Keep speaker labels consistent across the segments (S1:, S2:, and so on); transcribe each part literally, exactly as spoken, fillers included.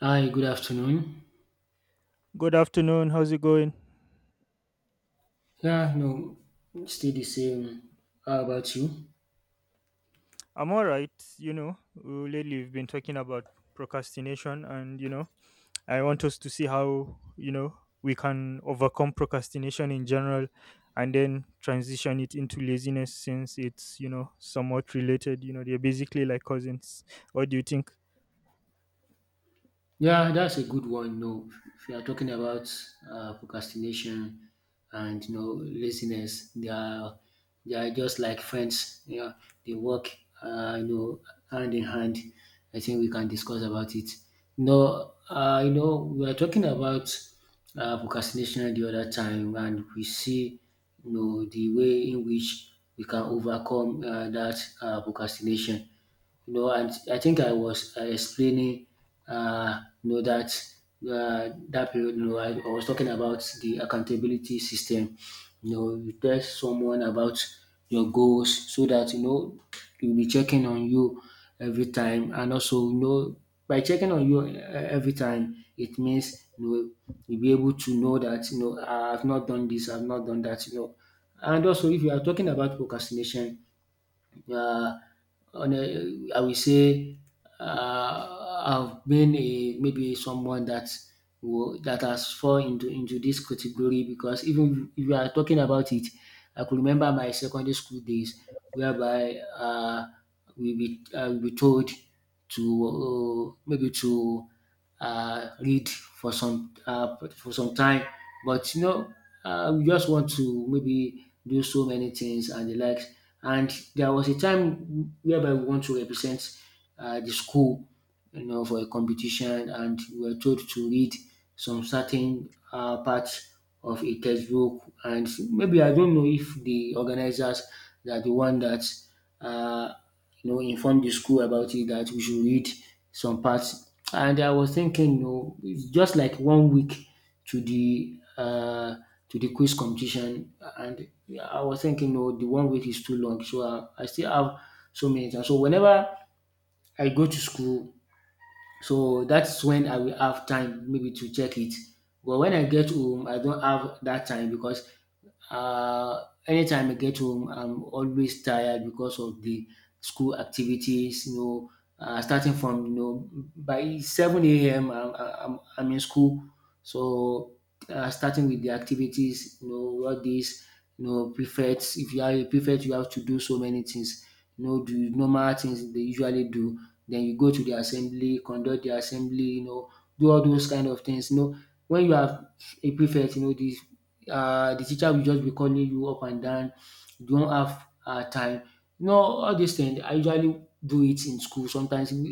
S1: Hi, good afternoon.
S2: Good afternoon. How's it going?
S1: Yeah, no, stay the same. How about you?
S2: I'm all right. You know, uh, Lately we've been talking about procrastination, and you know, I want us to see how you know we can overcome procrastination in general, and then transition it into laziness since it's you know somewhat related. You know, they're basically like cousins. What do you think?
S1: Yeah, that's a good one. You know, if you are talking about uh, procrastination and you know laziness, they are they are just like friends. Yeah, they work uh, you know hand in hand. I think we can discuss about it. No, uh, you know we are talking about uh, procrastination the other time, and we see you know the way in which we can overcome uh, that uh, procrastination, you know, and I think I was uh, explaining, uh, you know, that uh, that period, you know, I, I was talking about the accountability system. You know, you tell someone about your goals so that you know you'll be checking on you every time, and also you know by checking on you uh, every time, it means you know you'll be able to know that you know I've not done this, I've not done that, you know. And also, if you are talking about procrastination, uh, on a, I will say uh, I've been a maybe someone that will, that has fallen into into this category because even if you are talking about it, I could remember my secondary school days whereby uh, we be uh, we be told to uh, maybe to uh, read for some uh, for some time. But you know, uh, we just want to maybe do so many things and the likes. And there was a time whereby we want to represent uh, the school, you know, for a competition, and we were told to read some certain uh, parts of a textbook. And maybe I don't know if the organizers they are the one that uh, you know, inform the school about it that we should read some parts. And I was thinking, you know, it's just like one week to the uh, to the quiz competition, and I was thinking, no, the one week is too long, so I, I still have so many times. So whenever I go to school, so that's when I will have time maybe to check it. But when I get home, I don't have that time because uh, anytime I get home, I'm always tired because of the school activities. You know, uh, starting from you know by seven a m. I'm, I'm I'm in school, so uh, starting with the activities. You know, all these you know prefects. If you are a prefect, you have to do so many things. You know, the normal things they usually do. Then you go to the assembly, conduct the assembly. You know, do all those kind of things. You know, when you are a prefect, you know the uh, the teacher will just be calling you up and down, you don't have um time. You know, all these things I usually do it in school sometimes um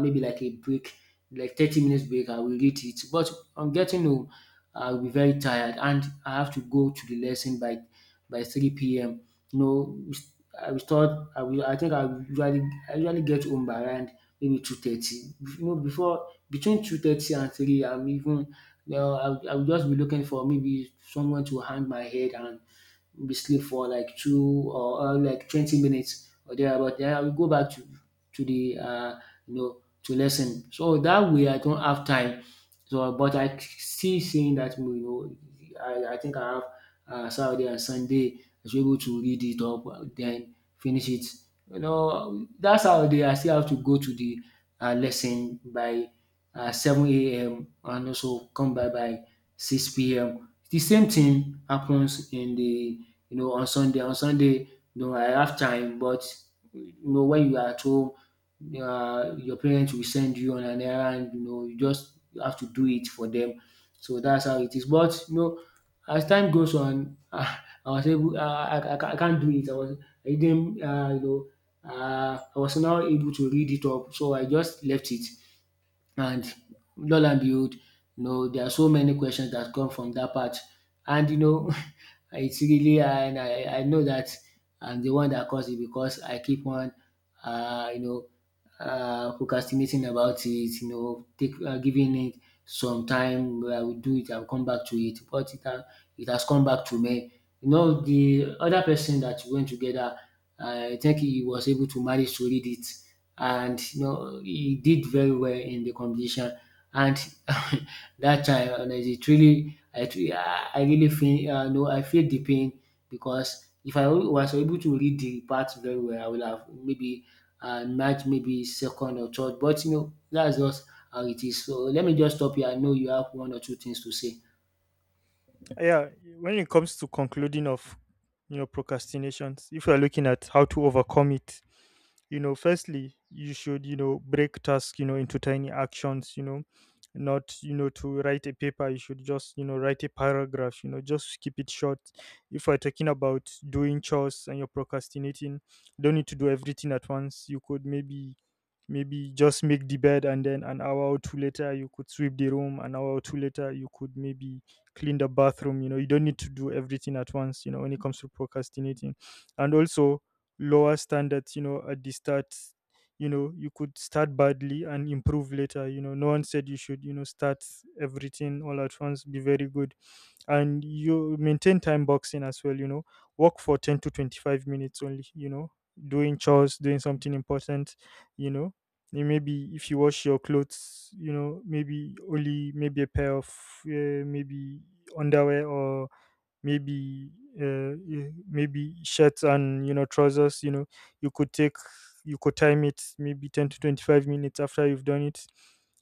S1: maybe like a break like thirty minutes break I will read it, but on getting home I will be very tired and I have to go to the lesson by by three p m. You know, I will start I will I think I will usually I usually get home by around maybe two thirty. You know, before between two thirty and three I'm even well, I'll I'll just be looking for maybe someone to hang my head and be sleep for like two or, or like twenty minutes or thereabout. Then I will go back to to the uh you know to lesson. So that way I don't have time. So but I still saying that you know I I think I have um Saturday and Sunday I should be able to read it up, uh, then finish it. You know, dat Saturday I still have to go to the um lesson by um seven a m and also come back by six p m. The same thing happens in the you know, on Sunday. On Sunday, you know, I have time, but you know, when you are at home, uh, your parents will send you on an errand, you know, you just you have to do it for them. So that's how it is. But you know, as time goes on, I was able, uh, I, I, ca- I can't do it. I was, I didn't, uh, you know, uh, I was now able to read it up, so I just left it, and lo and behold, you know, there are so many questions that come from that part. And you know, it's really and I, I know that I'm the one that caused it because I keep on, uh, you know, uh, procrastinating about it. You know, take uh, giving it some time. I will do it. I'll come back to it. But it, ha- it has come back to me. You know, the other person that went together, I think he was able to manage to read it, and you know he did very well in the competition. And that time, honestly, it really, I tr- I I really feel, uh, no, I feel the pain because if I was able to read the part very well, I would have maybe uh, match maybe second or third. But you know, that's just how it is. So let me just stop here. I know you have one or two things to say.
S2: Yeah, when it comes to concluding of you know procrastinations, if we are looking at how to overcome it, you know firstly you should you know break tasks you know into tiny actions, you know not you know to write a paper, you should just you know write a paragraph, you know just keep it short. If we're talking about doing chores and you're procrastinating, don't need to do everything at once. You could maybe maybe just make the bed, and then an hour or two later you could sweep the room, an hour or two later you could maybe clean the bathroom. You know you don't need to do everything at once, you know when it comes to procrastinating. And also lower standards, you know at the start. you know you could start badly and improve later. you know no one said you should you know start everything all at once, be very good. And you maintain time boxing as well. you know work for ten to twenty-five minutes only, you know doing chores, doing something important you know Eh, maybe if you wash your clothes, you know maybe only maybe a pair of uh, maybe underwear, or maybe uh, y- maybe shirts and you know trousers you know You could take, you could time it maybe ten to twenty-five minutes. After you've done it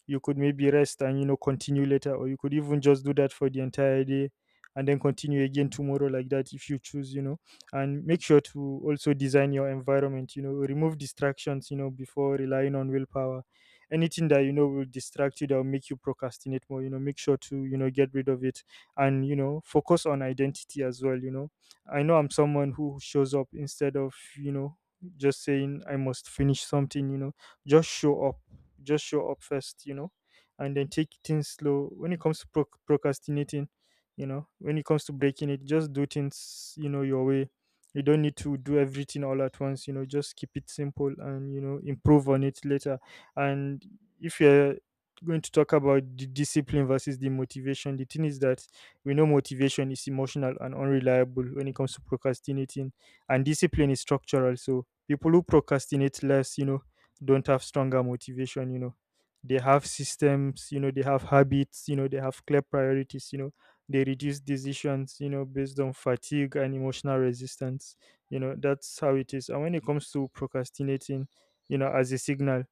S2: you could maybe rest and you know continue later, or you could even just do that for the entire day and then continue again tomorrow like that if you choose you know And make sure to also design your environment, you know remove distractions, you know before relying on willpower. Anything that you know will distract you, that will make you procrastinate more, you know make sure to you know get rid of it. And you know focus on identity as well. you know I know I'm someone who shows up instead of you know just saying I must finish something you know just show up Just show up first you know And then take things slow when it comes to proc procrastinating you know when it comes to breaking it, just do things you know your way. You don't need to do everything all at once. you know just keep it simple and you know improve on it later. And if you're going to talk about the discipline versus the motivation, the thing is that we know motivation is emotional and unreliable when it comes to procrastinating, and discipline is structural. So people who procrastinate less, you know, don't have stronger motivation. You know, they have systems. You know, they have habits. You know, they have clear priorities. You know, they reduce decisions. You know, based on fatigue and emotional resistance. You know, that's how it is. And when it comes to procrastinating, you know, as a signal,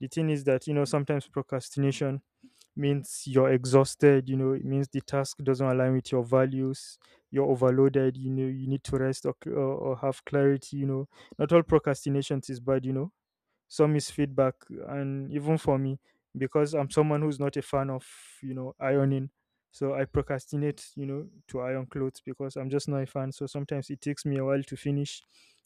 S2: the thing is that you know sometimes procrastination means you're exhausted. You know it means the task doesn't align with your values. You're overloaded, you know you need to rest or, c- or, or have clarity. you know not all procrastination is bad, you know some is feedback. And even for me, because I'm someone who's not a fan of you know ironing, so I procrastinate you know to iron clothes because I'm just not a fan. So sometimes it takes me a while to finish,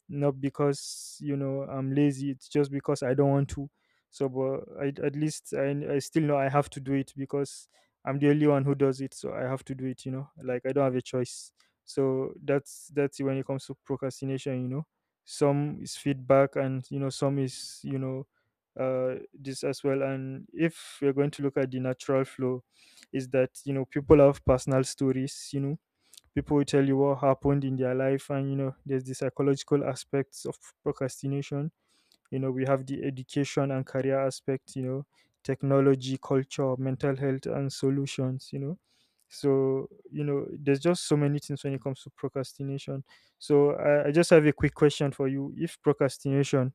S2: not because you know I'm lazy. It's just because I don't want to. So but I, at least I, I still know I have to do it because I'm the only one who does it, so I have to do it, you know like I don't have a choice. So that's that's when it comes to procrastination. You know some is feedback, and you know some is you know uh, this as well. And if we're going to look at the natural flow, is that you know people have personal stories. You know people will tell you what happened in their life, and you know there's the psychological aspects of procrastination. You know we have the education and career aspect, you know technology, culture, mental health, and solutions. You know so you know there's just so many things when it comes to procrastination. So i, I just have a quick question for you. If procrastination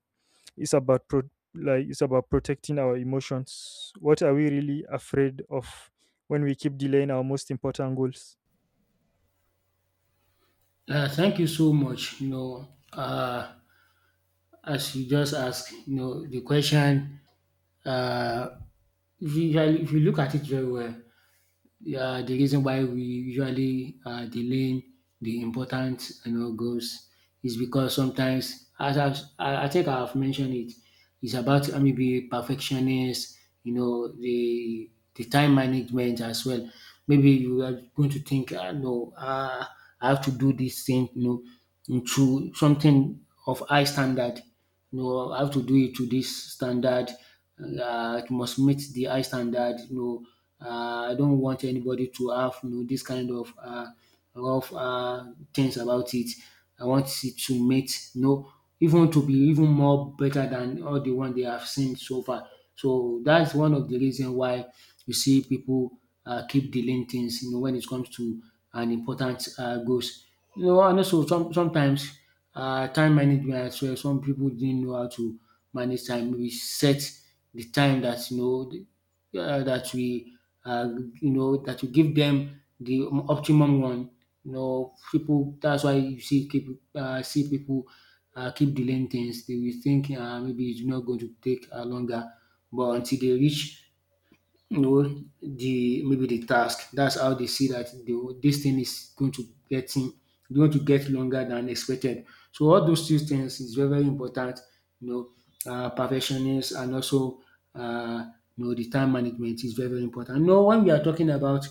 S2: is about pro- like it's about protecting our emotions, what are we really afraid of when we keep delaying our most important goals?
S1: Uh, thank you so much. You know, uh, as you just asked, you know, the question. uh, If you usually if you look at it very well, uh, the reason why we usually uh, delaying the important you know goals is because sometimes, as I've, I I think I've mentioned it, it's about uh, maybe perfectionist, you know, the the time management as well. Maybe you are going to think, ah, no, ah, I have to do this thing, you know, into something of high standard, you know, I have to do it to this standard. Uh, it must meet the high standard. You know, uh, I don't want anybody to have you know this kind of uh, rough uh, things about it. I want it to meet, you know, even to be even more better than all the one they have seen so far. So that's one of the reason why you see people uh, keep delaying things. You know, when it comes to an important uh, goals. You know, and also some, sometimes uh, time management as well, some people didn't know how to manage time. We set the time that you know um that we um you know that we give them the optimum one. You know people. That's why you see pipu um see people um keep delaying things. They will think um maybe it's not going to take um longer, but until they reach you know the maybe the task. That's how they see that the, this thing is going to getting going to get longer than expected. So all those two things is very very important. You know, uh, perfectionist and also uh, you know the time management is very very important. You know, when we are talking about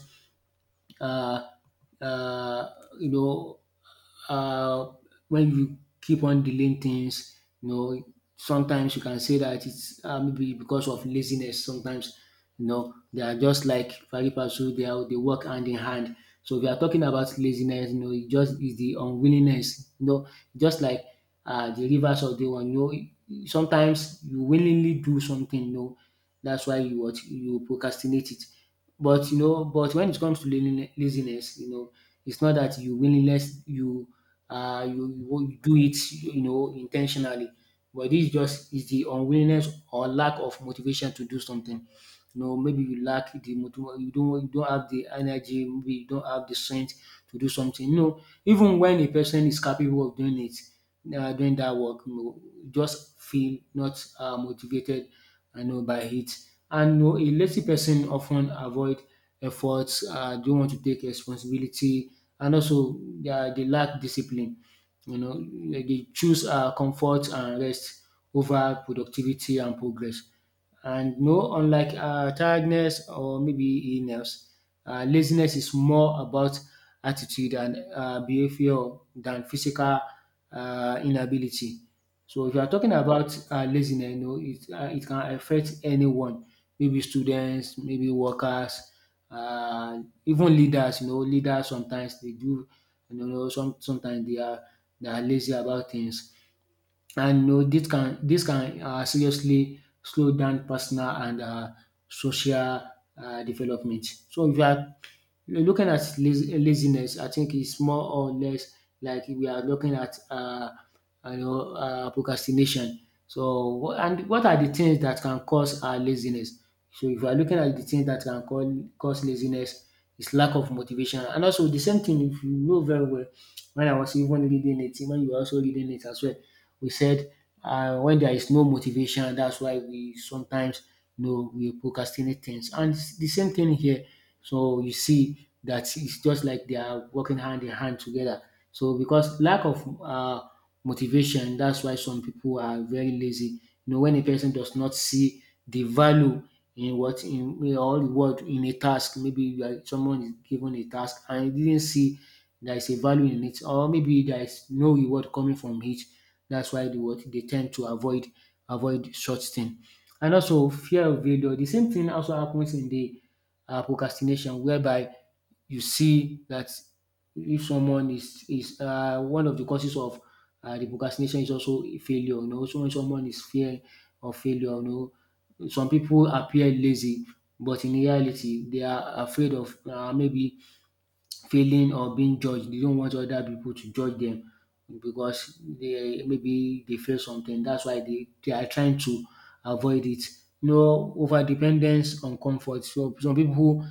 S1: uh, uh, you know, uh, when you keep on delaying things, you know, sometimes you can say that it's uh, maybe because of laziness. Sometimes, you know, they are just like pari passu, they are they work hand in hand. So if you are talking about laziness, you know, it just is the unwillingness, you know, just like uh, the rivers of the one, you know, sometimes you willingly do something, you know, that's why you what you procrastinate it. But you know, but when it comes to laziness, laziness, you know, it's not that you willingness you uh you, you won't do it you know intentionally, but this just is the unwillingness or lack of motivation to do something, you know, maybe you lack the motiv- you don't you don't have the energy, maybe you don't have the strength to do something. You know, even when a person is capable of doing it, uh, doing that work, you know, just feel not uh, motivated, I know by it. And you know, a lazy person often avoid efforts, uh, don't want to take responsibility, and also uh, they lack discipline. You know, they choose uh, comfort and rest over productivity and progress. And no, unlike uh, tiredness or maybe illness, uh, laziness is more about attitude and uh, behavior than physical uh, inability. So if you are talking about uh, laziness, you know, it, uh, it can affect anyone, maybe students, maybe workers, uh, even leaders. You know, leaders sometimes they do, you know, some, sometimes they are they are lazy about things, and you know this can this can uh, seriously slow down personal and uh, social uh, development. So if you are looking at laz- laziness, I think it's more or less like we are looking at uh, you know, uh, procrastination. So, what, and what are the things that can cause uh, laziness? So, if you are looking at the things that can call, cause laziness, it's lack of motivation. And also, the same thing, if you know very well, when I was even reading it, when you were also reading it as well, we said uh, when there is no motivation, that's why we sometimes, you know, we procrastinate things. And it's the same thing here, so you see that it's just like they are working hand in hand together. So because lack of uh, motivation, that's why some people are very lazy. You know, when a person does not see the value in what in in all the world in a task, maybe you are, someone is given a task and he didn't see there is a value in it, or maybe there is no reward coming from it. That's why they what they tend to avoid avoid such thing. And also fear of failure. The same thing also happens in the um procrastination, whereby you see that if someone is is um one of the causes of um the procrastination is also a failure, you know. So when someone is fear of failure, you know, some people appear lazy, but in reality they are afraid of, um maybe, failing or being judged. They don't want other people to judge them because they, maybe they feel something. That's why they, they are trying to avoid it. No, over dependence on comfort. So some people who,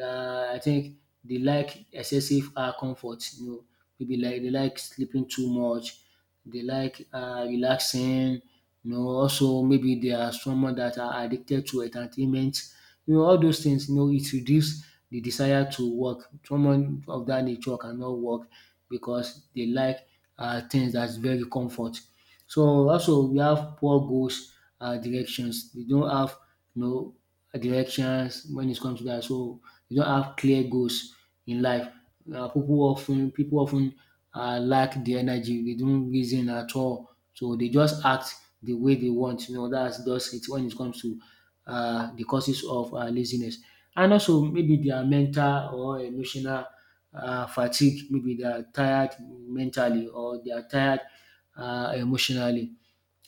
S1: uh, I think, they like excessive uh, comfort. You know, maybe like they like sleeping too much. They like uh, relaxing. You know, also maybe they are someone that are addicted to entertainment. You know, all those things. You know, it reduces the desire to work. Someone of that nature cannot work because they like uh, things that's very comfort. So also we have poor goals, uh, directions. They don't have no directions when it comes to that. So they don't have clear goals in life. Uh, people often people often uh, lack the energy. They don't reason at all. So they just act the way they want. You know, that's just it when it comes to uh, the causes of uh, laziness. And also maybe their mental or emotional um fatigue, maybe they are tired mentally or they are tired um emotionally.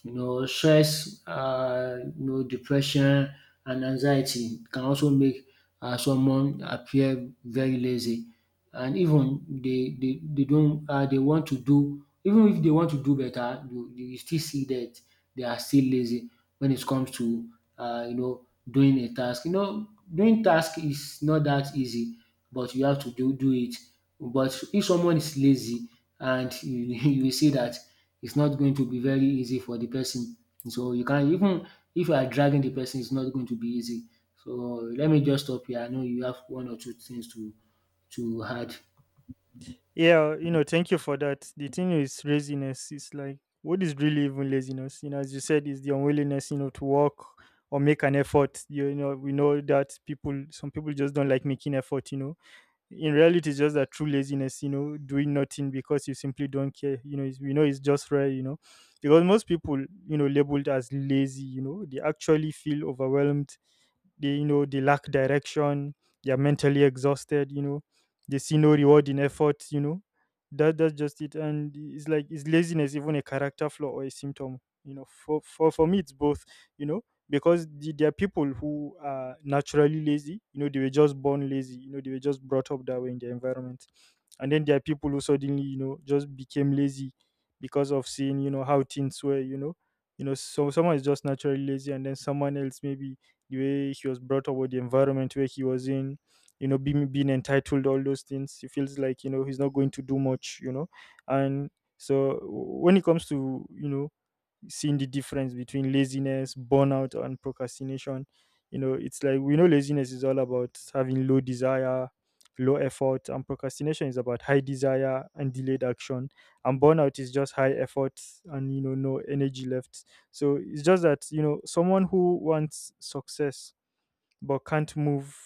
S1: You know, stress, uh, you know, depression and anxiety can also make uh, someone appear very lazy, and even they they, they don't uh, they want to do even if they want to do better, you, you still see that they are still lazy when it comes to uh, you know, doing a task. You know, doing task is not that easy, but you have to do do it. But if someone is lazy, and you, you will see that it's not going to be very easy for the person. So you can even, if you are dragging the person, it's not going to be easy. So let me just stop here. I know you have one or two things to to add.
S2: Yeah, you know, thank you for that. The thing is laziness. It's like, what is really even laziness? You know, as you said, is the unwillingness, you know, to work or make an effort. You know, we know that people some people just don't like making effort, you know. In reality it's just that true laziness, you know, doing nothing because you simply don't care. You know, it's, we know it's just rare, you know. Because most people, you know, labeled as lazy, you know, they actually feel overwhelmed. They you know They lack direction, they're mentally exhausted, you know they see no reward in effort, you know that that's just it. And it's like, is laziness even a character flaw or a symptom? you know for for, for me it's both you know because the, there are people who are naturally lazy, you know they were just born lazy, you know they were just brought up that way in their environment. And then there are people who suddenly you know just became lazy, because of seeing you know how things were, you know you know so someone is just naturally lazy, and then someone else, maybe the way she was brought up, or the environment where he was in, you know, being being entitled, all those things. He feels like you know he's not going to do much, you know, and so when it comes to you know seeing the difference between laziness, burnout, and procrastination. You know, it's like we know laziness is all about having low desire, low effort, and procrastination is about high desire and delayed action. And burnout is just high effort and, you know, no energy left. So it's just that, you know, someone who wants success but can't move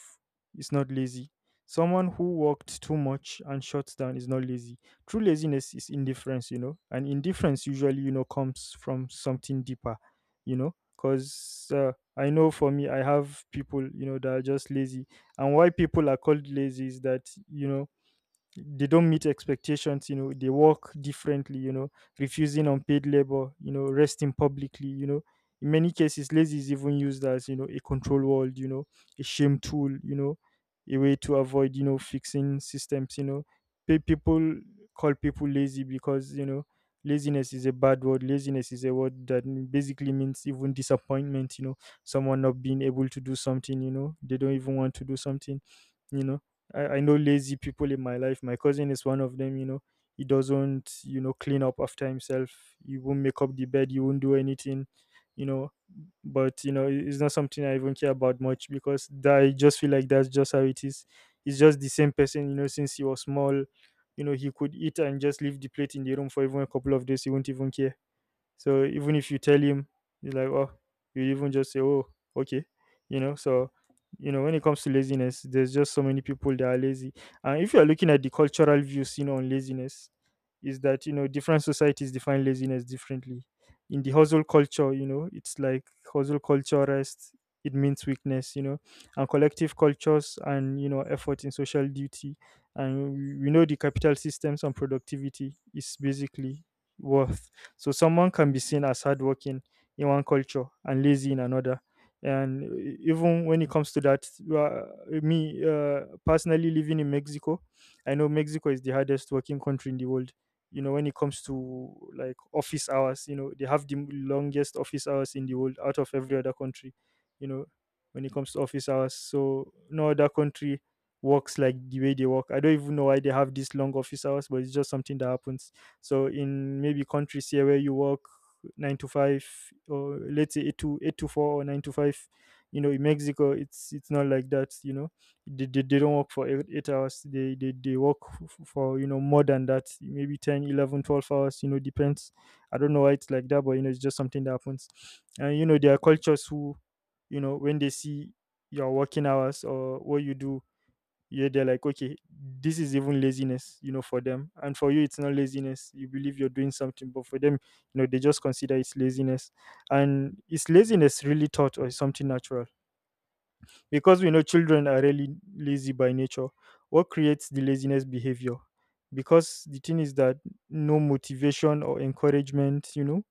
S2: is not lazy. Someone who walked too much and shuts down is not lazy. True laziness is indifference, you know, and indifference usually, you know, comes from something deeper, you know, because uh, I know for me, I have people, you know, that are just lazy. And why people are called lazy is that, you know, they don't meet expectations, you know they work differently, you know refusing unpaid labor, you know resting publicly, you know in many cases lazy is even used as you know a control word, you know a shame tool, you know a way to avoid you know fixing systems you know Pe- people call people lazy because you know laziness is a bad word. Laziness is a word that m- basically means even disappointment, you know someone not being able to do something, you know they don't even want to do something you know I, I know lazy people in my life. My cousin is one of them, you know. He doesn't, you know, clean up after himself. He won't make up the bed, he won't do anything, you know. But, you know, it- it's not something I even care about much, because that, I just feel like that's just how it is. He's just the same person, you know, since he was small. You know, he could eat and just leave the plate in the room for even a couple of days. He won't even care. So even if you tell him, he's like, oh, you even just say, oh, okay, you know. So, you know, when it comes to laziness, there's just so many people that are lazy. And if you are looking at the cultural views, you know, on laziness, is that you know different societies define laziness differently. In the hustle culture, you know, it's like hustle culture rest. It means weakness, you know, and collective cultures and you know effort in social duty, and we we know the capital systems and productivity is basically worth. So someone can be seen as hardworking in one culture and lazy in another. And e- even when it comes to that, uh, me uh, personally living in Mexico, I know Mexico is the hardest working country in the world. You know, when it comes to like office hours, you know, they have the longest office hours in the world out of every other country, you know, when it comes to office hours. So no other country works like the way they work. I don't even know why they have these long office hours, but it's just something that happens so in maybe countries here where you work nine to five, or let's say eight to eight to four or nine to five, you know, in Mexico it's it's not like that, you know. They, they, they don't work for eight, eight hours. They, they they work f- for, you know, more than that, maybe ten, eleven, twelve hours, you know, depends. I don't know why it's like that, but you know, it's just something that happens. And you know, there are cultures who, you know, when they see your working hours or what you do, yeah, they're like, okay, this is even laziness, you know, for them. And for you, it's not laziness. You believe you're doing something, but for them, you know, they just consider it's laziness. And is laziness really taught or is something natural? Because we know children are really lazy by nature, what creates the laziness behavior? Because the thing is that no motivation or encouragement, you know,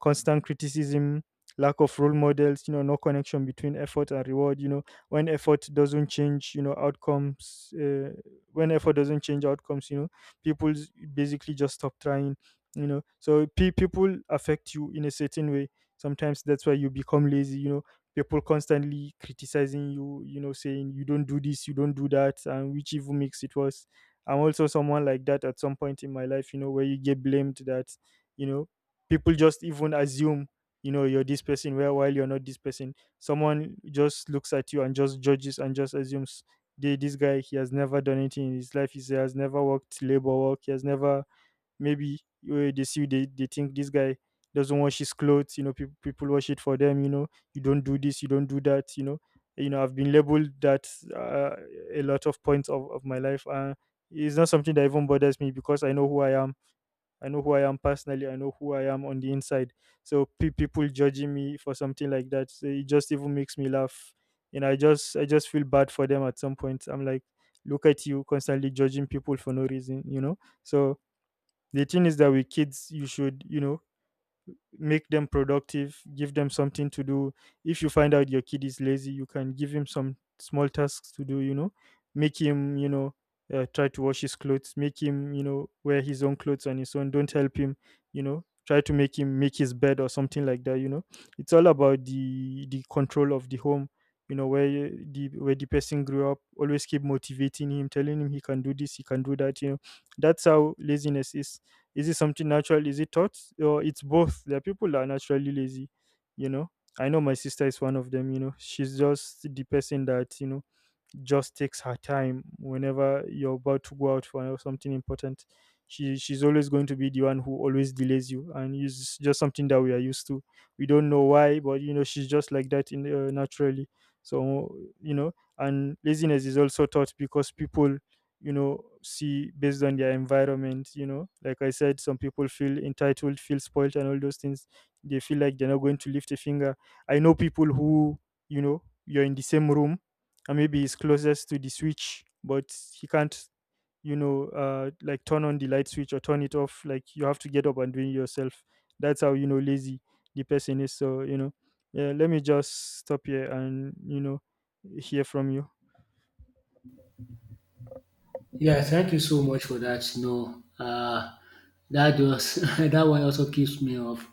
S2: constant criticism, lack of role models, you know, no connection between effort and reward, you know, when effort doesn't change, you know, outcomes, uh, when effort doesn't change outcomes, you know, people s- basically just stop trying, you know. So pe- people affect you in a certain way. Sometimes that's why you become lazy, you know, people constantly criticizing you, you know, saying you don't do this, you don't do that, and which even makes it worse. I'm also someone like that at some point in my life, you know, where you get blamed that, you know, people just even assume, you know, you're this person, where while you're not this person. Someone just looks at you and just judges and just assumes, they, this guy, he has never done anything in his life. He has never worked labor work. He has never maybe uh, they see you, they, they think this guy doesn't wash his clothes, you know, people people wash it for them, you know, you don't do this, you don't do that, you know. You know, I've been labeled that uh, a lot of points of, of my life. Uh, it's not something that even bothers me because I know who I am. I know who I am personally, I know who I am on the inside. So pe- people judging me for something like that, so it just even makes me laugh, and i just i just feel bad for them. At some point I'm like, look at you constantly judging people for no reason, you know. So the thing is that with kids, you should, you know, make them productive, give them something to do. If you find out your kid is lazy, you can give him some small tasks to do, you know, make him, you know, uh, try to wash his clothes, make him, you know, wear his own clothes on his own, don't help him, you know, try to make him make his bed or something like that, you know. It's all about the the control of the home, you know, where you- the where the person grew up, always keep motivating him, telling him he can do this, he can do that, you know. That's how laziness is. Is it something natural? Is it taught? Or it's both. There are people that are naturally lazy, you know. I know my sister is one of them, you know. She's just the person that, you know, just takes her time whenever you're about to go out for something important. She she's always going to be the one who always delays you, and it's just something that we are used to. We don't know why, but you know, she's just like that in uh, naturally. So you know, and laziness is also taught because people, you know, see based on their environment, you know, like I said, some people feel entitled, feel spoiled, and all those things. They feel like they're not going to lift a finger. I know people who, you know, you're in the same room, and maybe he's closest to the switch, but he can't, you know, uh like turn on the light switch or turn it off. Like you have to get up and do it yourself. That's how, you know, lazy the person is. So, you know, yeah, let me just stop here and, you know, hear from you.
S1: Yeah, thank you so much for that. No, uh, that was that one also keeps me off.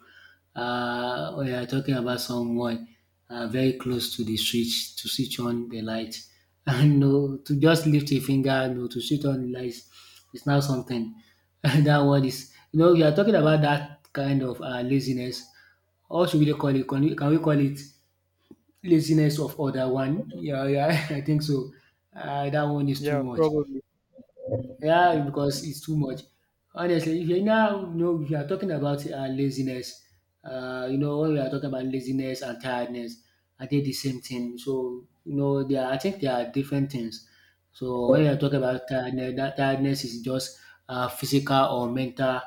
S1: Uh, we are talking about someone uh, very close to the switch, to switch on the light, and no, to just lift a finger, no, to switch on the lights, it's not something. That one is, you know, we are talking about that kind of uh, laziness. How should we really call it? Can we, can we call it laziness of other one? Yeah, yeah, I think so. Uh, that one is too
S2: Yeah,
S1: much.
S2: probably.
S1: Yeah, because it's too much. Honestly, if you now, you know, if you are talking about uh, laziness, uh, you know, when we are talking about laziness and tiredness, are they the same thing? So you know they are, I think they are different things. So when you are talking about tiredness, that tiredness is just uh, physical or mental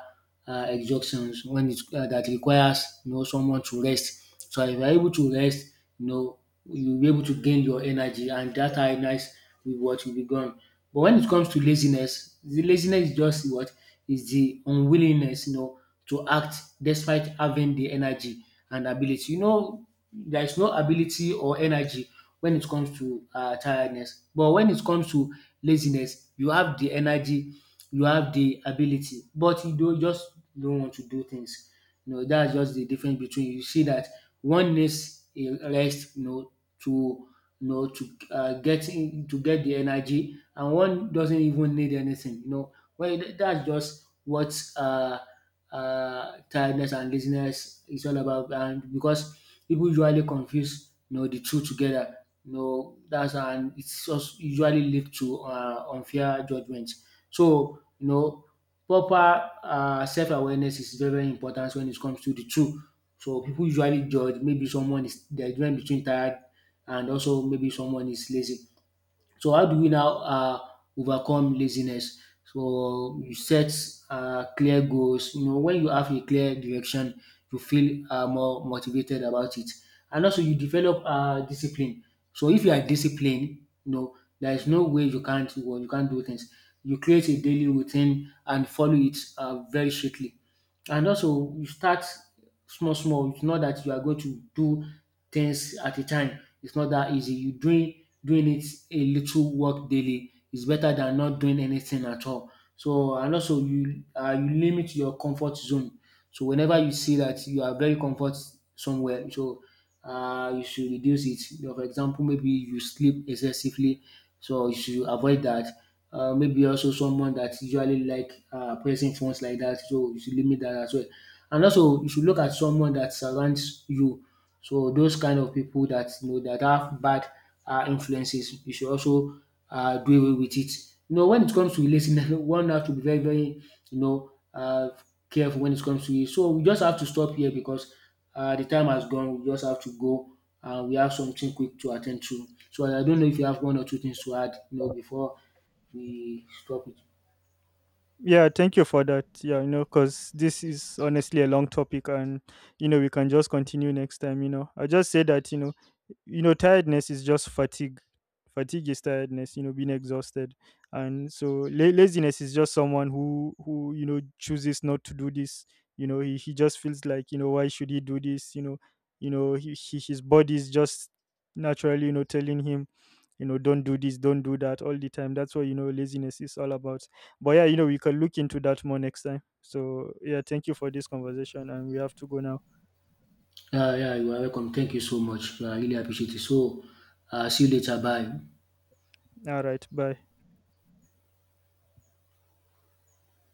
S1: uh, exhaustions, when it's uh, that requires, you know, someone to rest. So if you are able to rest, you know, you'll be able to gain your energy, and that tiredness will what will be gone. But when it comes to laziness, the laziness is just what is the unwillingness, you know, to act despite having the energy and ability. You know, there is no ability or energy when it comes to uh, tiredness. But when it comes to laziness, you have the energy, you have the ability, but you do just don't want to do things. You know, that's just the difference. Between, you see that one needs a rest, you know, to, you know, to uh, get in, to get the energy, and one doesn't even need anything. You know, well, th- that's just what uh, uh, tiredness and laziness is all about. And because people usually confuse, you know, the two together. You know, that's, and it's just usually lead to uh, unfair judgments. So, you know, proper uh, self-awareness is very, very important when it comes to the two. So people usually judge maybe someone is the difference between tired and also maybe someone is lazy. So how do we now uh, overcome laziness? So you set uh, clear goals. You know, when you have a clear direction, you feel uh, more motivated about it, and also you develop uh, discipline. So if you are disciplined, you know there is no way you can't, well, you can't do things. You create a daily routine and follow it uh, very strictly. And also you start small small, it's not that you are going to do things at a time, it's not that easy. You doing doing it A little work daily is better than not doing anything at all. So and also you, uh, you limit your comfort zone. So whenever you see that you are very comfort somewhere, so uh, you should reduce it. You know, for example, maybe you sleep excessively, so you should avoid that. Uh, maybe also someone that usually like uh, pressing phones like that. So you should limit that as well. And also you should look at someone that surrounds you. So those kind of people that you know that have bad uh, influences, you should also uh, do away with it. You know, when it comes to relating, one has to be very, very, you know, uh, careful when it comes to it. So we just have to stop here because uh, the time has gone. We just have to go. Uh, we have something quick to attend to. So I don't know if you have one or two things to add, you know, before we stop it.
S2: Yeah, thank you for that. Yeah, you know, because this is honestly a long topic, and you know, we can just continue next time. You know, I just say that, you know, you know, tiredness is just fatigue. Fatigue is tiredness. You know, being exhausted, and so la- laziness is just someone who who, you know, chooses not to do this. You know, he, he just feels like, you know, why should he do this? You know, you know, he, he, his body is just naturally, you know, telling him, you know, don't do this, don't do that all the time. That's what, you know, laziness is all about. But yeah, you know, we can look into that more next time. So yeah, thank you for this conversation, and we have to go now.
S1: Yeah, yeah, you are welcome. Thank you so much. I really appreciate it. So, uh, see you later. Bye.
S2: All right, bye.